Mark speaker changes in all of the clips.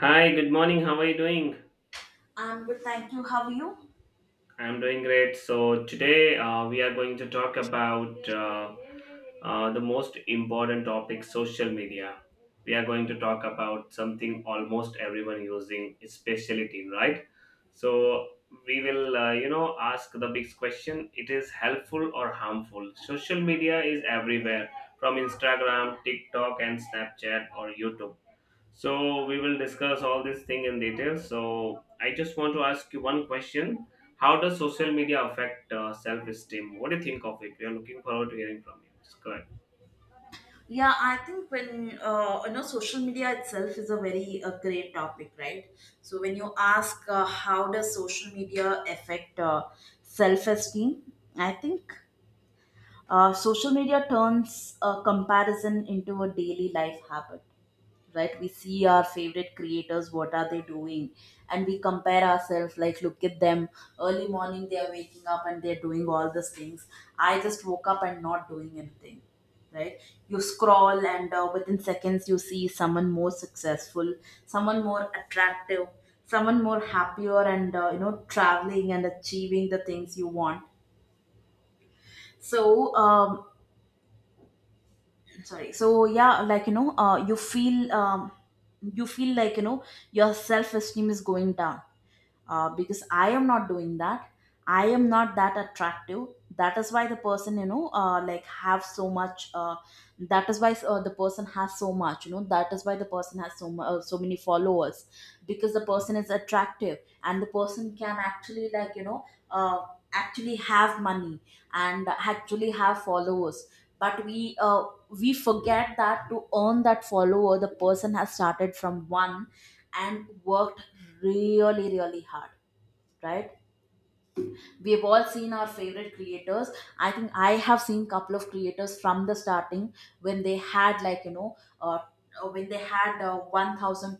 Speaker 1: Hi, good morning. How are you doing?
Speaker 2: I'm good, thank you. How are you?
Speaker 1: I'm doing great. So, today we are going to talk about the most important topic social media. We are going to talk about something almost everyone using, especially teen, right? So, we will, ask the big question it is helpful or harmful? Social media is everywhere from Instagram, TikTok, and Snapchat or YouTube. So we will discuss all this thing in detail. So I just want to ask you one question. How does social media affect self-esteem? What do you think of it? We are looking forward to hearing from you. It's good.
Speaker 2: Yeah, I think when, social media itself is a very great topic, right? So when you ask, how does social media affect self-esteem, I think social media turns comparison into a daily life habit. Right, we see our favorite creators, what are they doing, and we compare ourselves, like, look at them. Early morning they are waking up and they're doing all these things. I just woke up and not doing anything. Right. You scroll and, within seconds, you see someone more successful, someone more attractive, someone more happier, and traveling and achieving the things you want. So, sorry. So yeah, like, you feel, you feel like, your self esteem is going down, because I am not doing that. I am not that attractive. That is why the person, like, have so much. That is why the person has so much. That is why the person has so many followers, because the person is attractive and the person can actually, like, uh, actually have money, and actually have followers. But we forget that to earn that follower, the person has started from one, and worked really really hard. Right. We have all seen our favorite creators. I think I have seen couple of creators from the starting, when they had, like, you know uh, when they had 1,000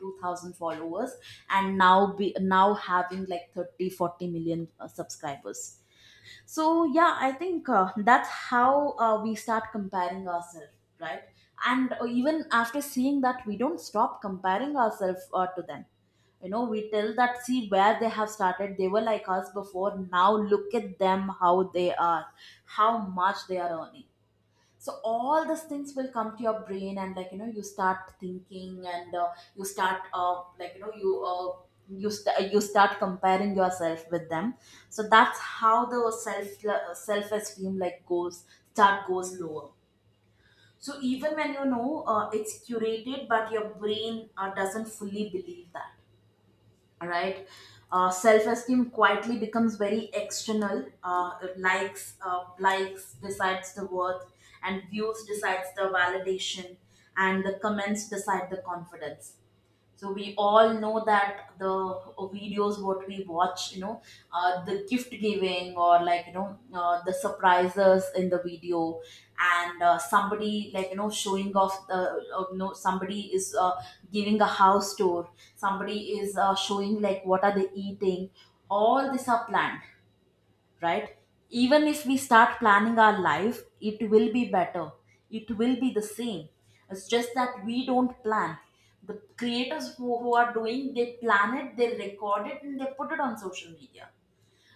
Speaker 2: followers, and now having like 30, 40 million subscribers. So yeah, I think that's how we start comparing ourselves. Right. And even after seeing that, we don't stop comparing ourselves to them. You know, we tell that, see where they have started, they were like us before. Now look at them, how they are, how much they are earning. So all these things will come to your brain, and, like, you start thinking, and you start, like, you start comparing yourself with them. So that's how the self esteem like goes, start goes lower. So even when you know, it's curated, but your brain doesn't fully believe that. All right. Self-esteem quietly becomes very external. Likes decides the worth, and views decides the validation, and the comments decide the confidence. So we all know that the videos what we watch, the gift giving, or, like, the surprises in the video. And somebody, like, showing off the, somebody is giving a house tour, somebody is showing like what are they eating. All these are planned, right? Even if we start planning our life, it will be better. It will be the same. It's just that we don't plan. The creators who are doing, they plan it, they record it, and they put it on social media.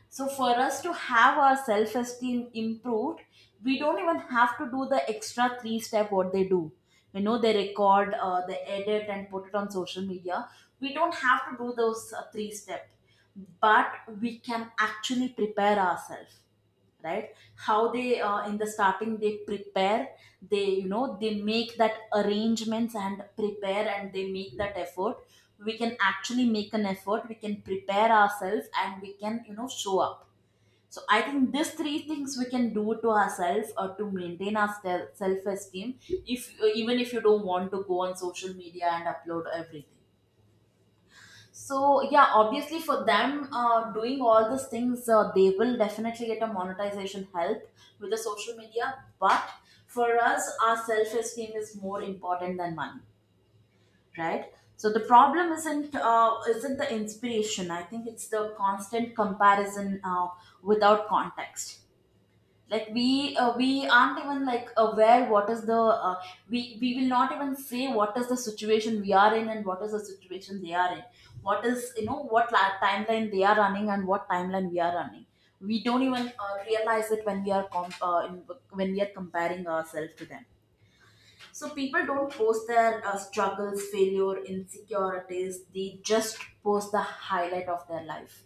Speaker 2: So for us to have our self esteem improved, we don't even have to do the extra three step what they do. They record, they edit, and put it on social media. We don't have to do those three step, but we can actually prepare ourselves. Right. How they, in the starting they prepare, they you know they make that arrangements and prepare, and they make that effort. We can actually make an effort, we can prepare ourselves, and we can, show up. So I think these three things we can do to ourselves, or to maintain our self esteem, if even if you don't want to go on social media and upload everything. So yeah, obviously for them, doing all these things, they will definitely get a monetization help with the social media. But for us, our self esteem is more important than money, right? So the problem isn't the inspiration. I think it's the constant comparison, without context. Like, we aren't even like aware what is the, uh, we will not even say what is the situation we are in, and what is the situation they are in. What is, timeline they are running, and what timeline we are running. We don't even realize it when we are com- in, when we are comparing ourselves to them. So people don't post their struggles, failure, insecurities, they just post the highlight of their life.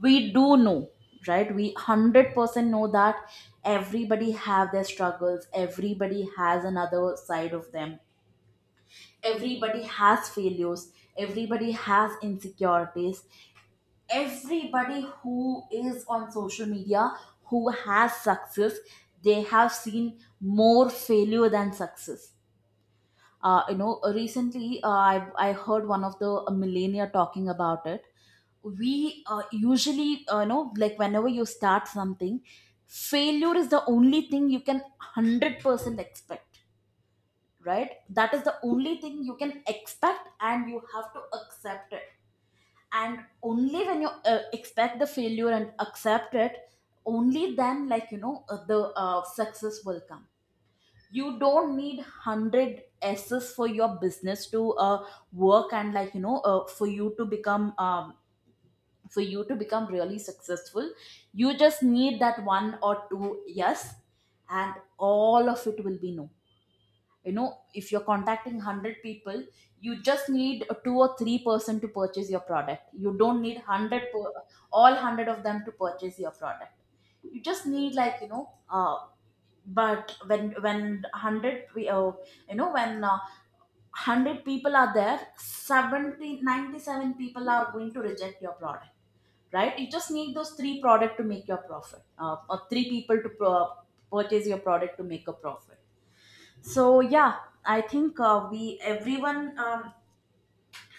Speaker 2: We do know, right? We 100% know that everybody have their struggles, everybody has another side of them, everybody has failures, everybody has insecurities. Everybody who is on social media, who has success, they have seen more failure than success. Recently, I heard one of the millennia talking about it. We, usually, like, whenever you start something, failure is the only thing you can 100% expect. Right, that is the only thing you can expect, and you have to accept it. And only when you expect the failure and accept it, only then, like, the success will come. You don't need 100 S's for your business to work, and, like, for you to become, really successful. You just need that one or two yes, and all of it will be no you know if you're contacting 100 people, you just need a two or three person to purchase your product. You don't need 100 all 100 of them to purchase your product. You just need, like, but when 100 we oh, you know when 100 people are there, 70 97 people are going to reject your product. Right, you just need those three product to make your profit, or three people to purchase your product to make a profit. So yeah, I think, we everyone um,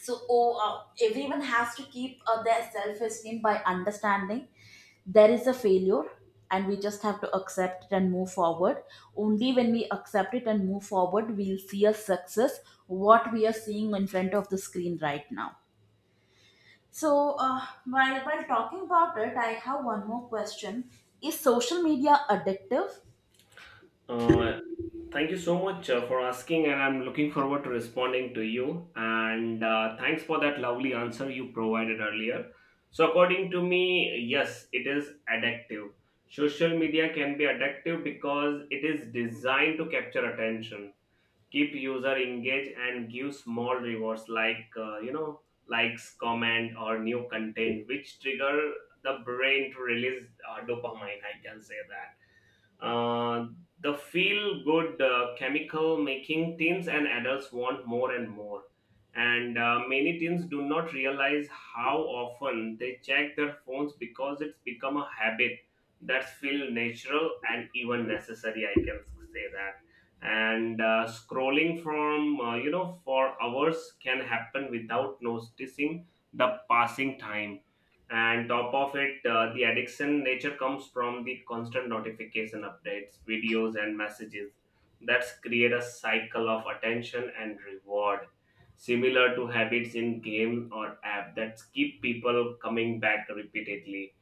Speaker 2: so oh, uh, everyone has to keep their self-esteem by understanding there is a failure, and we just have to accept it and move forward. Only when we accept it and move forward, we'll see a success, what we are seeing in front of the screen right now. So, while talking about it, I have one more question, is social media addictive?
Speaker 1: Uh, Thank you so much for asking, and I'm looking forward to responding to you. And thanks for that lovely answer you provided earlier. So according to me, yes, it is addictive. Social media can be addictive because it is designed to capture attention, keep user engaged, and give small rewards like likes, comment, or new content which trigger the brain to release dopamine, I can say that. uh, the feel good chemical making teens and adults want more and more. And many teens do not realize how often they check their phones because it's become a habit that feels natural and even necessary. I can say that. And scrolling from for hours can happen without noticing the passing time. And top of it the addiction nature comes from the constant notification, updates, videos, and messages that's create a cycle of attention and reward, similar to habits in game or app that keep people coming back repeatedly.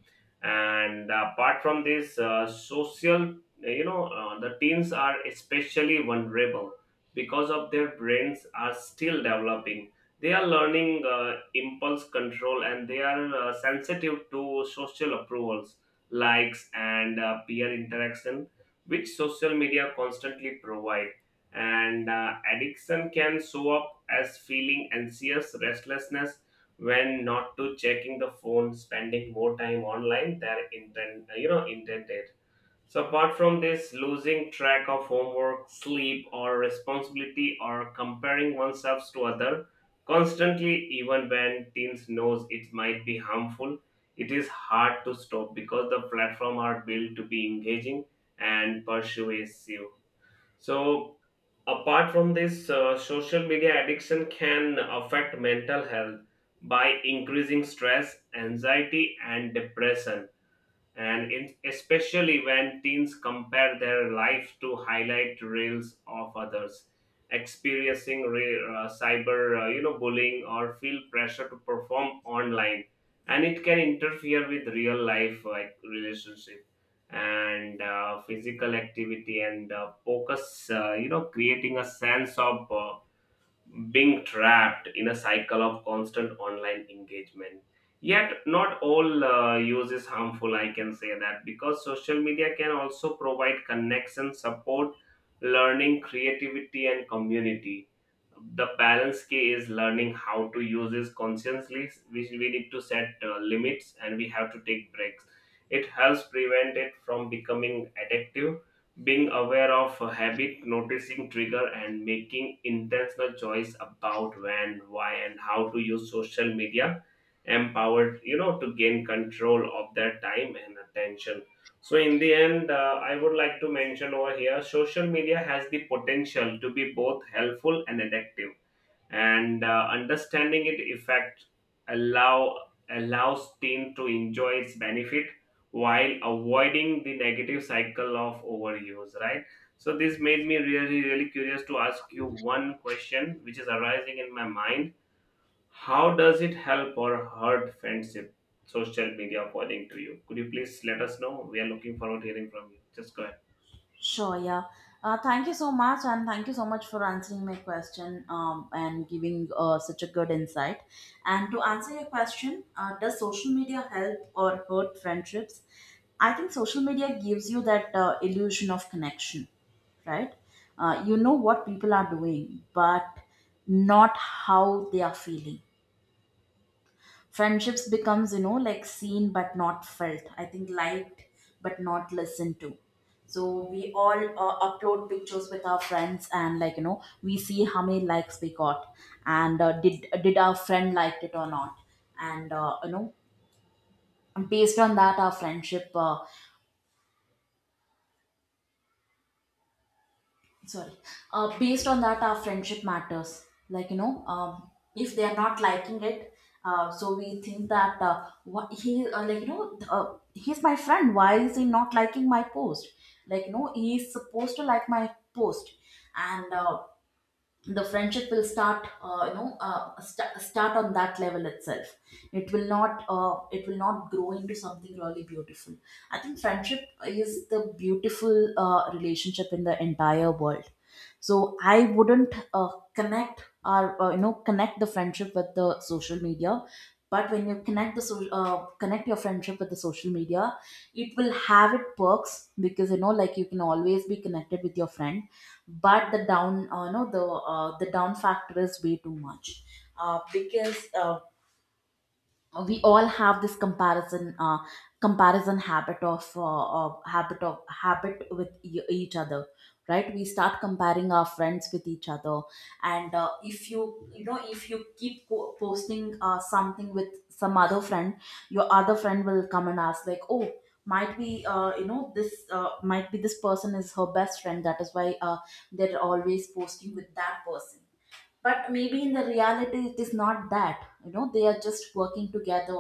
Speaker 1: And apart from this, social, the teens are especially vulnerable because of their brains are still developing. They are learning impulse control, and they are sensitive to social approvals, likes, and peer interaction, which social media constantly provide. And addiction can show up as feeling anxious, restlessness when not to checking the phone, spending more time online than intent, intended. So, apart from this, losing track of homework, sleep, or responsibility, or comparing oneself to other constantly, even when teens knows it might be harmful, it is hard to stop because the platform are built to be engaging and persuasive. So, apart from this, social media addiction can affect mental health by increasing stress, anxiety, and depression, and in, especially when teens compare their life to highlight reels of others, experiencing cyber bullying or feel pressure to perform online. And it can interfere with real life like relationship and physical activity and focus, creating a sense of being trapped in a cycle of constant online engagement. Yet, not all use is harmful, I can say that, because social media can also provide connection, support, learning, creativity, and community. The balance key is learning how to use this consciously. We need to set limits, and we have to take breaks. It helps prevent it from becoming addictive. Being aware of a habit, noticing trigger, and making intentional choice about when, why, and how to use social media empowered, to gain control of their time and attention. So in the end, I would like to mention over here social media has the potential to be both helpful and addictive, and understanding it effect allow allows team to enjoy its benefit while avoiding the negative cycle of overuse, right? So this made me really really curious to ask you one question which is arising in my mind. How does it help or hurt friendship, social media, according to you? Could you please let us know? We are looking forward to hearing from you. Just go ahead.
Speaker 2: Sure, yeah. Thank you so much, and thank you so much for answering my question, and giving such a good insight. And to answer your question, does social media help or hurt friendships? I think social media gives you that illusion of connection, right? You know what people are doing, but not how they are feeling. Friendships becomes, like, seen but not felt, I think, liked but not listened to. So we all upload pictures with our friends, and, like, we see how many likes we got, and did our friend liked it or not. And, based on that our friendship, sorry, based on that our friendship matters, like, if they are not liking it, so we think that, what he like, he's my friend, why is he not liking my post? Like, he's supposed to like my post. And the friendship will start you know st- start on that level itself. It will not grow into something really beautiful. I think friendship is the beautiful relationship in the entire world. So I wouldn't connect or you know connect the friendship with the social media. But when you connect your friendship with the social media, it will have it perks, because, like, you can always be connected with your friend. But the down, no, the the down factor is way too much, because, we all have this comparison, habit of habit with each other. Right, we start comparing our friends with each other. And if you keep posting, something with some other friend, your other friend will come and ask, like, oh, might be, this, might be this person is her best friend, that is why they're always posting with that person. But maybe in the reality it is not that, they are just working together.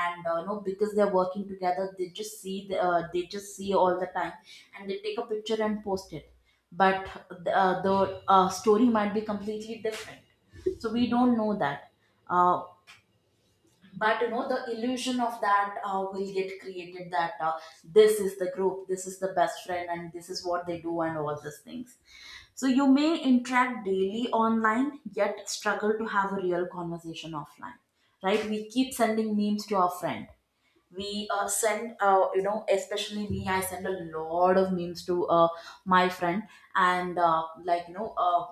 Speaker 2: And because they're working together, they just see all the time, and they take a picture and post it. But the story might be completely different. So we don't know that, uh, but You know, the illusion of that will get created that this is the group, this is the best friend, and this is what they do and all these things. So you may interact daily online yet struggle to have a real conversation offline. Right, we keep sending memes to our friend. We send especially me, I send a lot of memes to my friend. And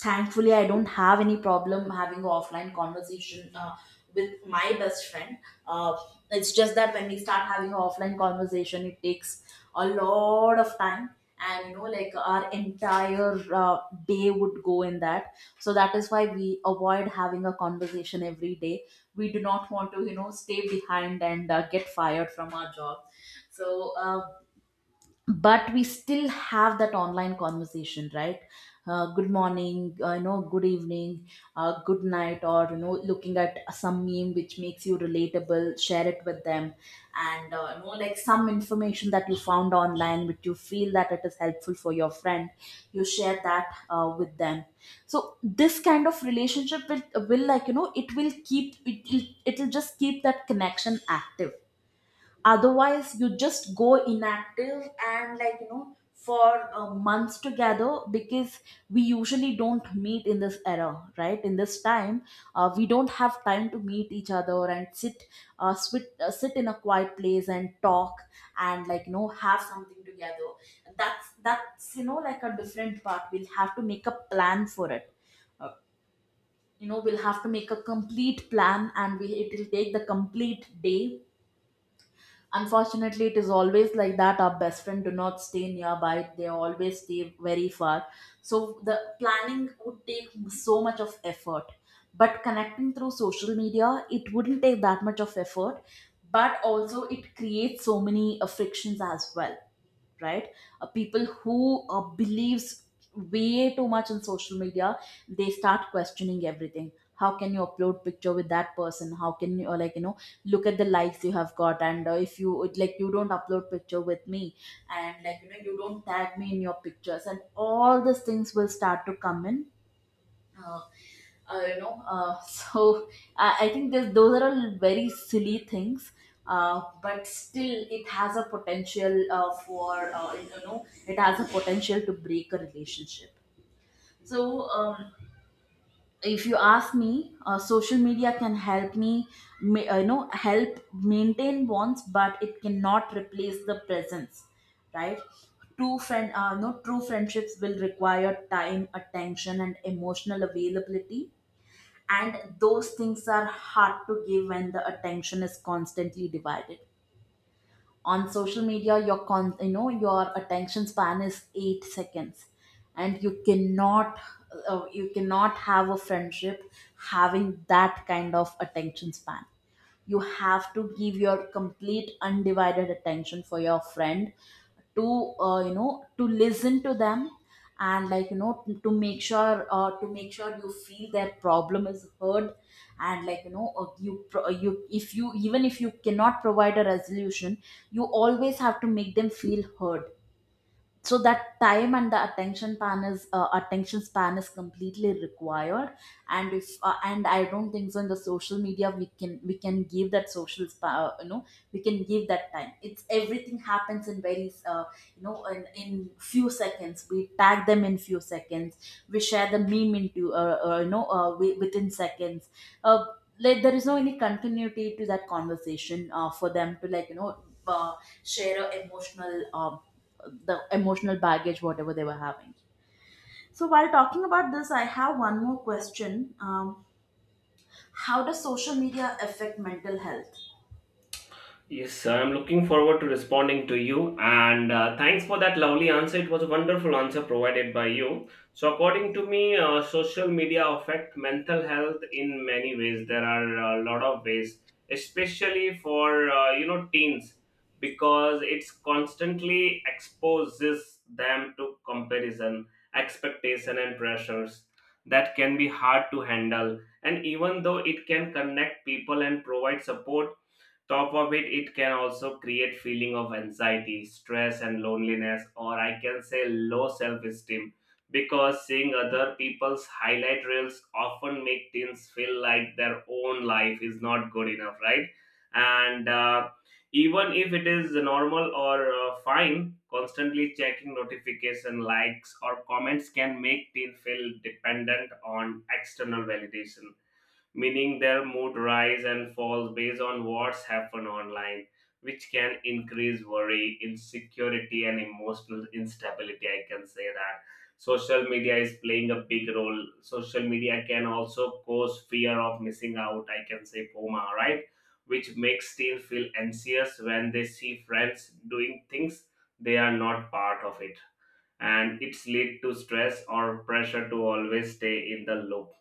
Speaker 2: thankfully I don't have any problem having an offline conversation with my best friend. uh, it's just that when we start having an offline conversation it takes a lot of time. And you know, like our entire day would go in that. So that is why we avoid having a conversation every day. We do not want to, you know, stay behind and get fired from our job. so uh, but we still have that online conversation, right? Good morning, you know, good evening, good night, or you know, looking at some meme which makes you relatable, share it with them. And you know, like some information that you found online which you feel that it is helpful for your friend, you share that with them. So this kind of relationship will, like you know, it will keep it, it, it'll just keep that connection active. Otherwise you just go inactive and like you know for months together, because we usually don't meet in this era, right, in this time. We don't have time to meet each other and sit, sit in a quiet place and talk, and like you know, have something together. That's you know, like a different part, we'll have to make a plan for it. uh, you know, we'll have to make a complete plan and we, it will take the complete day. Unfortunately it is always like that, our best friend do not stay nearby, they always stay very far. So the planning would take so much of effort, but connecting through social media it wouldn't take that much of effort. But also it creates so many frictions as well, right? People who believes way too much in social media, they start questioning everything: how can you upload picture with that person, how can you, or like you know, look at the likes you have got, and if you, like, you don't upload picture with me, and like you know you don't tag me in your pictures, and all these things will start to come in. uh, so I think that those are all very silly things. But still it has a potential for you know, it has a potential to break a relationship. So if you ask me, social media can help me you know, help maintain bonds, but it cannot replace the presence, right? True friend, no true friendships will require time, attention, and emotional availability. And those things are hard to give when the attention is constantly divided. On social media, your con you know your attention span is 8 seconds, and you cannot, you cannot have a friendship having that kind of attention span. You have to give your complete undivided attention for your friend to, you know, to listen to them, and like you know, to make sure, to make sure you feel their problem is heard. And like you know, you, if you, even if you cannot provide a resolution, you always have to make them feel heard. So that time and the attention span is, attention span is completely required. And if and I don't think so, in the social media we can give that you know, we can give that time. It's everything happens in very, you know, in few seconds we tag them, in few seconds we share the meme into within seconds. uh, like there is no any continuity to that conversation for them to, like you know, uh, share a emotional, the emotional baggage, whatever they were having. So, while talking about this, I have one more question. Um, how does social media affect mental health?
Speaker 1: Yes, I'm looking forward to responding to you. And thanks for that lovely answer. It was a wonderful answer provided by you. So, according to me, social media affect mental health in many ways. There are a lot of ways, especially for teens, because it's constantly exposes them to comparison, expectation, and pressures that can be hard to handle. And even though it can connect people and provide support, top of it, it can also create feeling of anxiety, stress, and loneliness, or I can say low self-esteem, because seeing other people's highlight reels often make teens feel like their own life is not good enough, right? And even if it is normal or fine, constantly checking notification, likes, or comments can make teen feel dependent on external validation, meaning their mood rise and falls based on what's happened online, which can increase worry, insecurity, and emotional instability. I can say that social media is playing a big role. Social media can also cause fear of missing out. I can say FOMA, right? Which makes teens feel anxious when they see friends doing things they are not part of, it and it's lead to stress or pressure to always stay in the loop.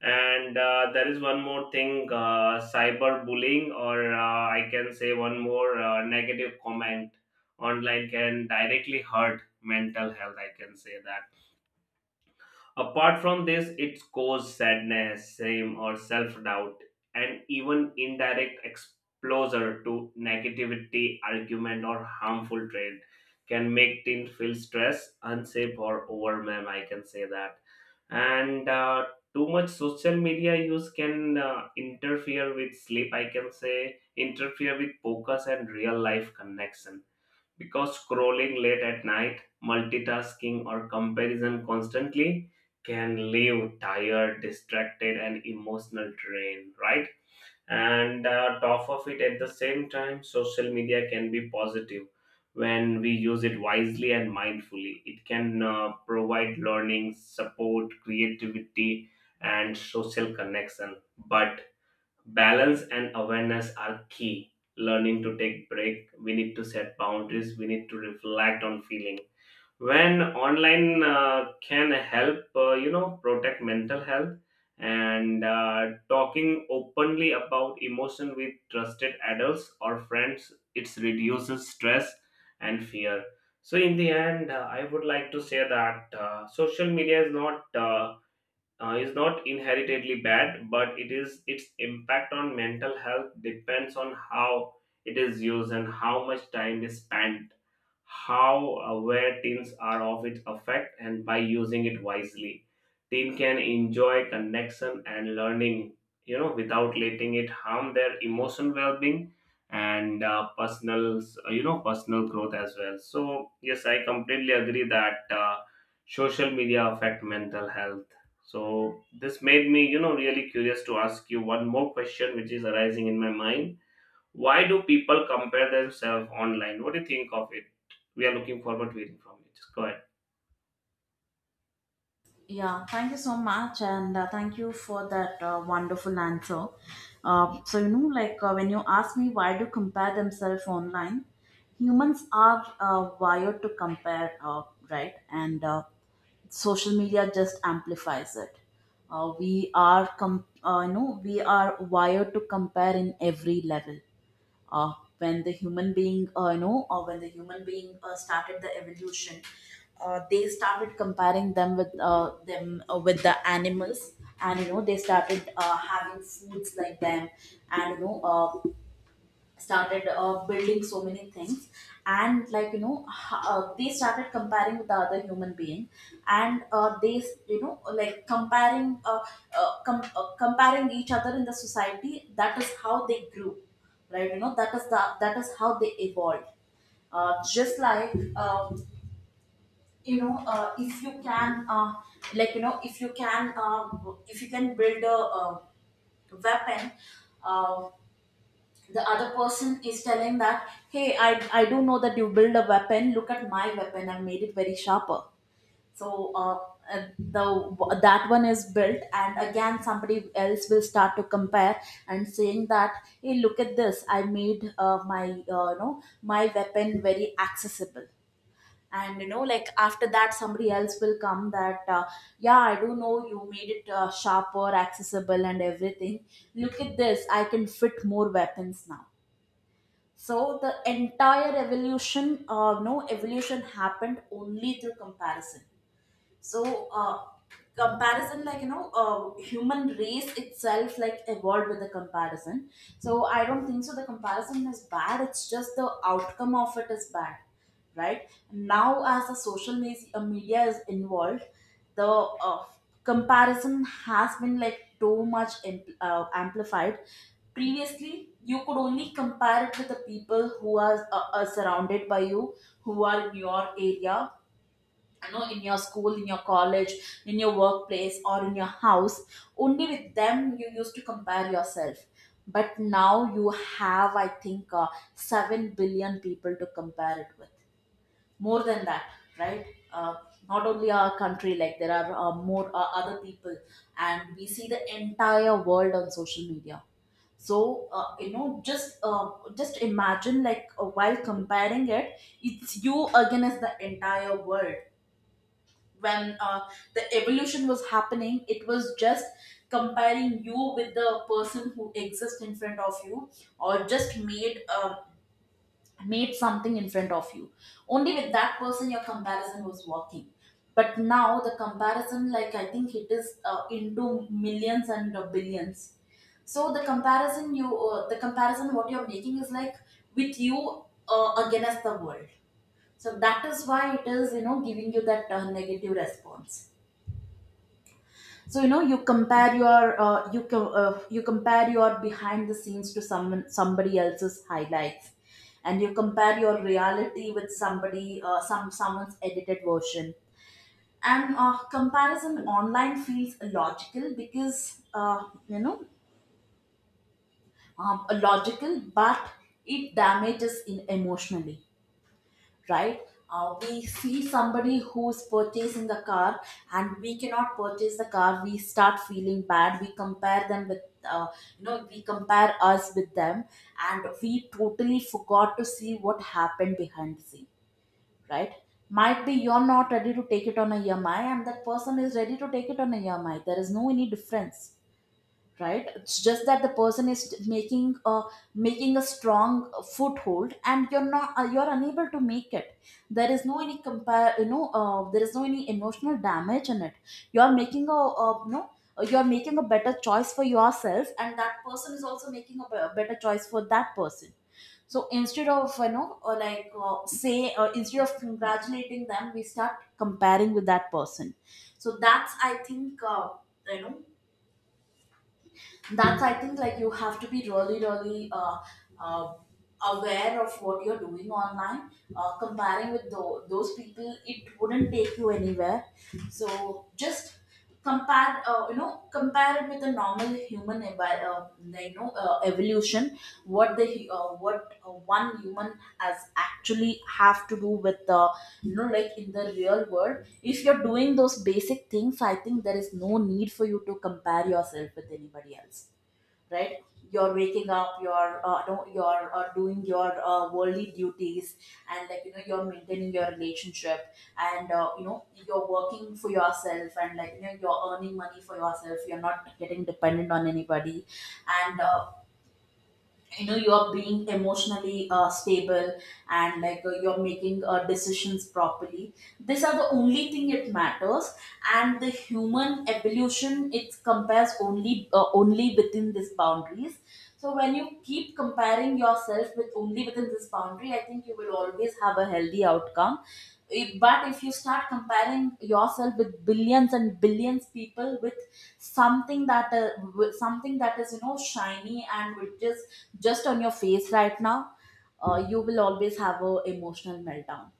Speaker 1: And there is one more thing, cyberbullying, or I can say one more negative comment online can directly hurt mental health. I can say that. Apart from this, it causes sadness, shame, or self doubt, and even indirect exposure to negativity, argument, or harmful trade can make teens feel stressed, unsafe, or overwhelmed. I can say that. And too much social media use can interfere with sleep, I can say, interfere with focus and real life connection, because scrolling late at night, multitasking, or comparison constantly can leave tired, distracted, and emotional drain, right? And top of it, at the same time, social media can be positive when we use it wisely and mindfully. It can provide learning, support, creativity, and social connection. But balance and awareness are key. Learning to take break. We need to set boundaries. We need to reflect on feeling. When online can help, protect mental health and talking openly about emotion with trusted adults or friends. It reduces stress and fear. So in the end, I would like to say that social media is not. Is not inherently bad, but it is its impact on mental health depends on how it is used and how much time is spent, how aware teens are of its effect, and by using it wisely, teen can enjoy connection and learning, without letting it harm their emotional well-being and personal, personal growth as well. So yes, I completely agree that. Social media affect mental health. So this made me, really curious to ask you one more question which is arising in my mind. Why do people compare themselves online? What do you think of it? We are looking forward to hearing from you. Just go ahead.
Speaker 2: Yeah, thank you so much, and thank you for that wonderful answer. So you know, like when you ask me why do compare themselves online, humans are wired to compare, right? And social media just amplifies it. You know, we are wired to compare in every level. uh, when the human being, you know or when the human being started the evolution, they started comparing them with the animals, and you know they started having foods like them, and you know started building so many things. And like you know, they started comparing with the other human being, and you know, like comparing, comparing each other in the society. That is how they grew, right? You know, that is how they evolved. Uh, just like you know if you can like you know if you can If you can build a weapon, um, the other person is telling that, hey, I do know that you build a weapon, look at my weapon, I made it very sharper. So the that one is built, and again somebody else will start to compare and saying that, hey, look at this, I made my you know, my weapon very accessible. And you know, like after that somebody else will come that, yeah, I do know you made it sharper, accessible, and everything, look at this, I can fit more weapons now. So the entire evolution, no evolution happened only through comparison. So comparison, like you know, human race itself, like, evolved with the comparison. So I don't think so the comparison is bad, it's just the outcome of it is bad, right? Now as the media is involved, the comparison has been, like, too much amplified. Previously you could only compare it with the people who are surrounded by you, who are in your area, you know, in your school, in your college, in your workplace, or in your house. Only with them you used to compare yourself. But now you have, I think, 7 billion people to compare it with, more than that, right? uh, Not only our country, like there are more other people, and we see the entire world on social media. So uh, you know just uh, just imagine, like, while comparing it, it's you against the entire world. When the evolution was happening, it was just comparing you with the person who exists in front of you, or just made, made something in front of you. Only with that person your comparison was working. But now the comparison, like, I think it is into millions and billions. So the comparison you, the comparison what you're making is like with you against the world. So that is why it is, you know, giving you that negative response. So you know, you compare your behind the scenes to someone somebody else's highlights, and you compare your reality with somebody some someone's edited version. And comparison online feels logical because, logical, but it damages in emotionally, right? We see somebody who's purchasing a car and we cannot purchase the car. We start feeling bad. We compare them with, uh, you know, we compare us with them, and we totally forgot to see what happened behind the scene, right? Might be you're not ready to take it on a EMI and that person is ready to take it on a EMI. There is no any difference, right? It's just that the person is making a, making a strong foothold, and you're not, you're unable to make it. There is no any compare, there is no any emotional damage in it. You're making a you know, you're making a better choice for yourself, and that person is also making a better choice for that person. So instead of, you know, or like say instead of congratulating them, we start comparing with that person. So that's, I think, you know that's, I think, like, you have to be really, really uh, aware of what you're doing online. Comparing with those people, it wouldn't take you anywhere. So just compare, you know, compare it with a normal human evolution. What the what one human has actually have to do with the, you know, like in the real world. If you're doing those basic things, I think there is no need for you to compare yourself with anybody else, right? You're waking up, you're no, you're doing your worldly duties, and like you know you're maintaining your relationship, and you know you're working for yourself, and like you know you're earning money for yourself, you're not getting dependent on anybody. And you know, you are being emotionally stable, and like you're making decisions properly. These are the only thing it matters, and the human evolution, it compares only, only within these boundaries. So when you keep comparing yourself with only within this boundary, I think you will always have a healthy outcome. But if you start comparing yourself with billions and billions people, with something that, with something that is, you know, shiny and which is just on your face right now, you will always have a emotional meltdown.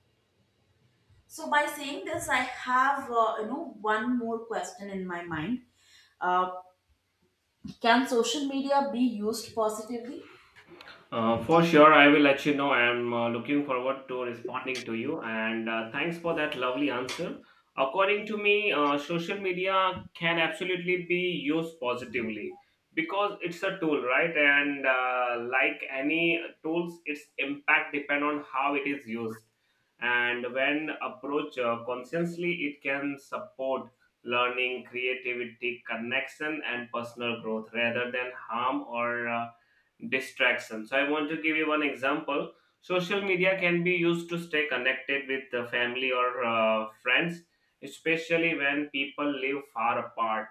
Speaker 2: So by saying this, I have, you know, one more question in my mind. uh, can social media be used positively?
Speaker 1: For sure, I will let you know. I'm looking forward to responding to you, and thanks for that lovely answer. According to me, social media can absolutely be used positively because it's a tool, right? And like any tools, its impact depend on how it is used. And when approached consciously, it can support learning, creativity, connection, and personal growth rather than harm or distraction. So I want to give you one example. Social media can be used to stay connected with the family or friends, especially when people live far apart,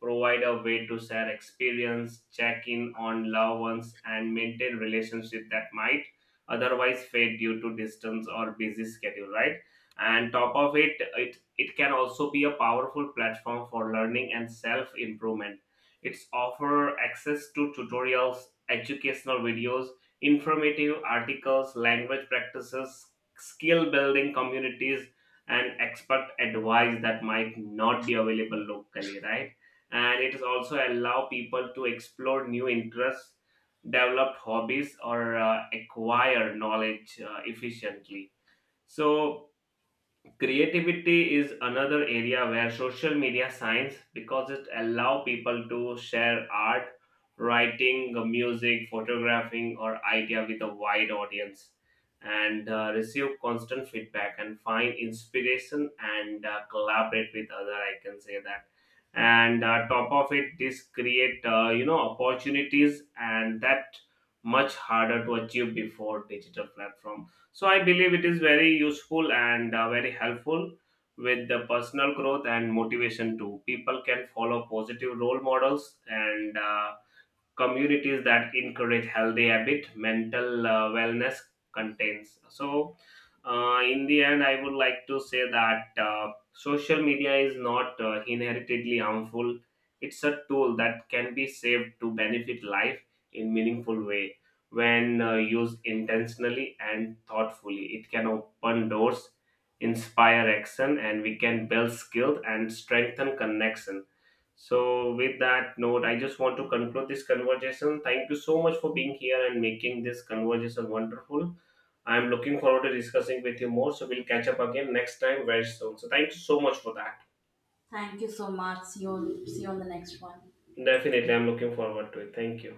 Speaker 1: provide a way to share experience, check in on loved ones, and maintain relationships that might otherwise fade due to distance or busy schedule, right? And top of it, it can also be a powerful platform for learning and self improvement. It's offer access to tutorials, educational videos, informative articles, language practices, skill building communities, and expert advice that might not be available locally, right? And it is also allow people to explore new interests, develop hobbies, or acquire knowledge efficiently. So creativity is another area where social media shines because it allows people to share art, writing, music, photographing, or idea with a wide audience and receive constant feedback and find inspiration and collaborate with other, I can say that. And top of it, this create opportunities, and that much harder to achieve before digital platform. So I believe it is very useful and very helpful with the personal growth and motivation too. People can follow positive role models and communities that encourage healthy habit, mental wellness contains. So in the end, I would like to say that social media is not inheritedly harmful. It's a tool that can be saved to benefit life in meaningful way. When used intentionally and thoughtfully, it can open doors, inspire action, and we can build skills and strengthen connection. So, with that note, I just want to conclude this conversation. Thank you so much for being here and making this conversation wonderful. I'm looking forward to discussing with you more. So, we'll catch up again next time very soon. So, thank you so much for that.
Speaker 2: Thank you so much. See you, see you on the next one.
Speaker 1: Definitely, I'm looking forward to it. Thank you.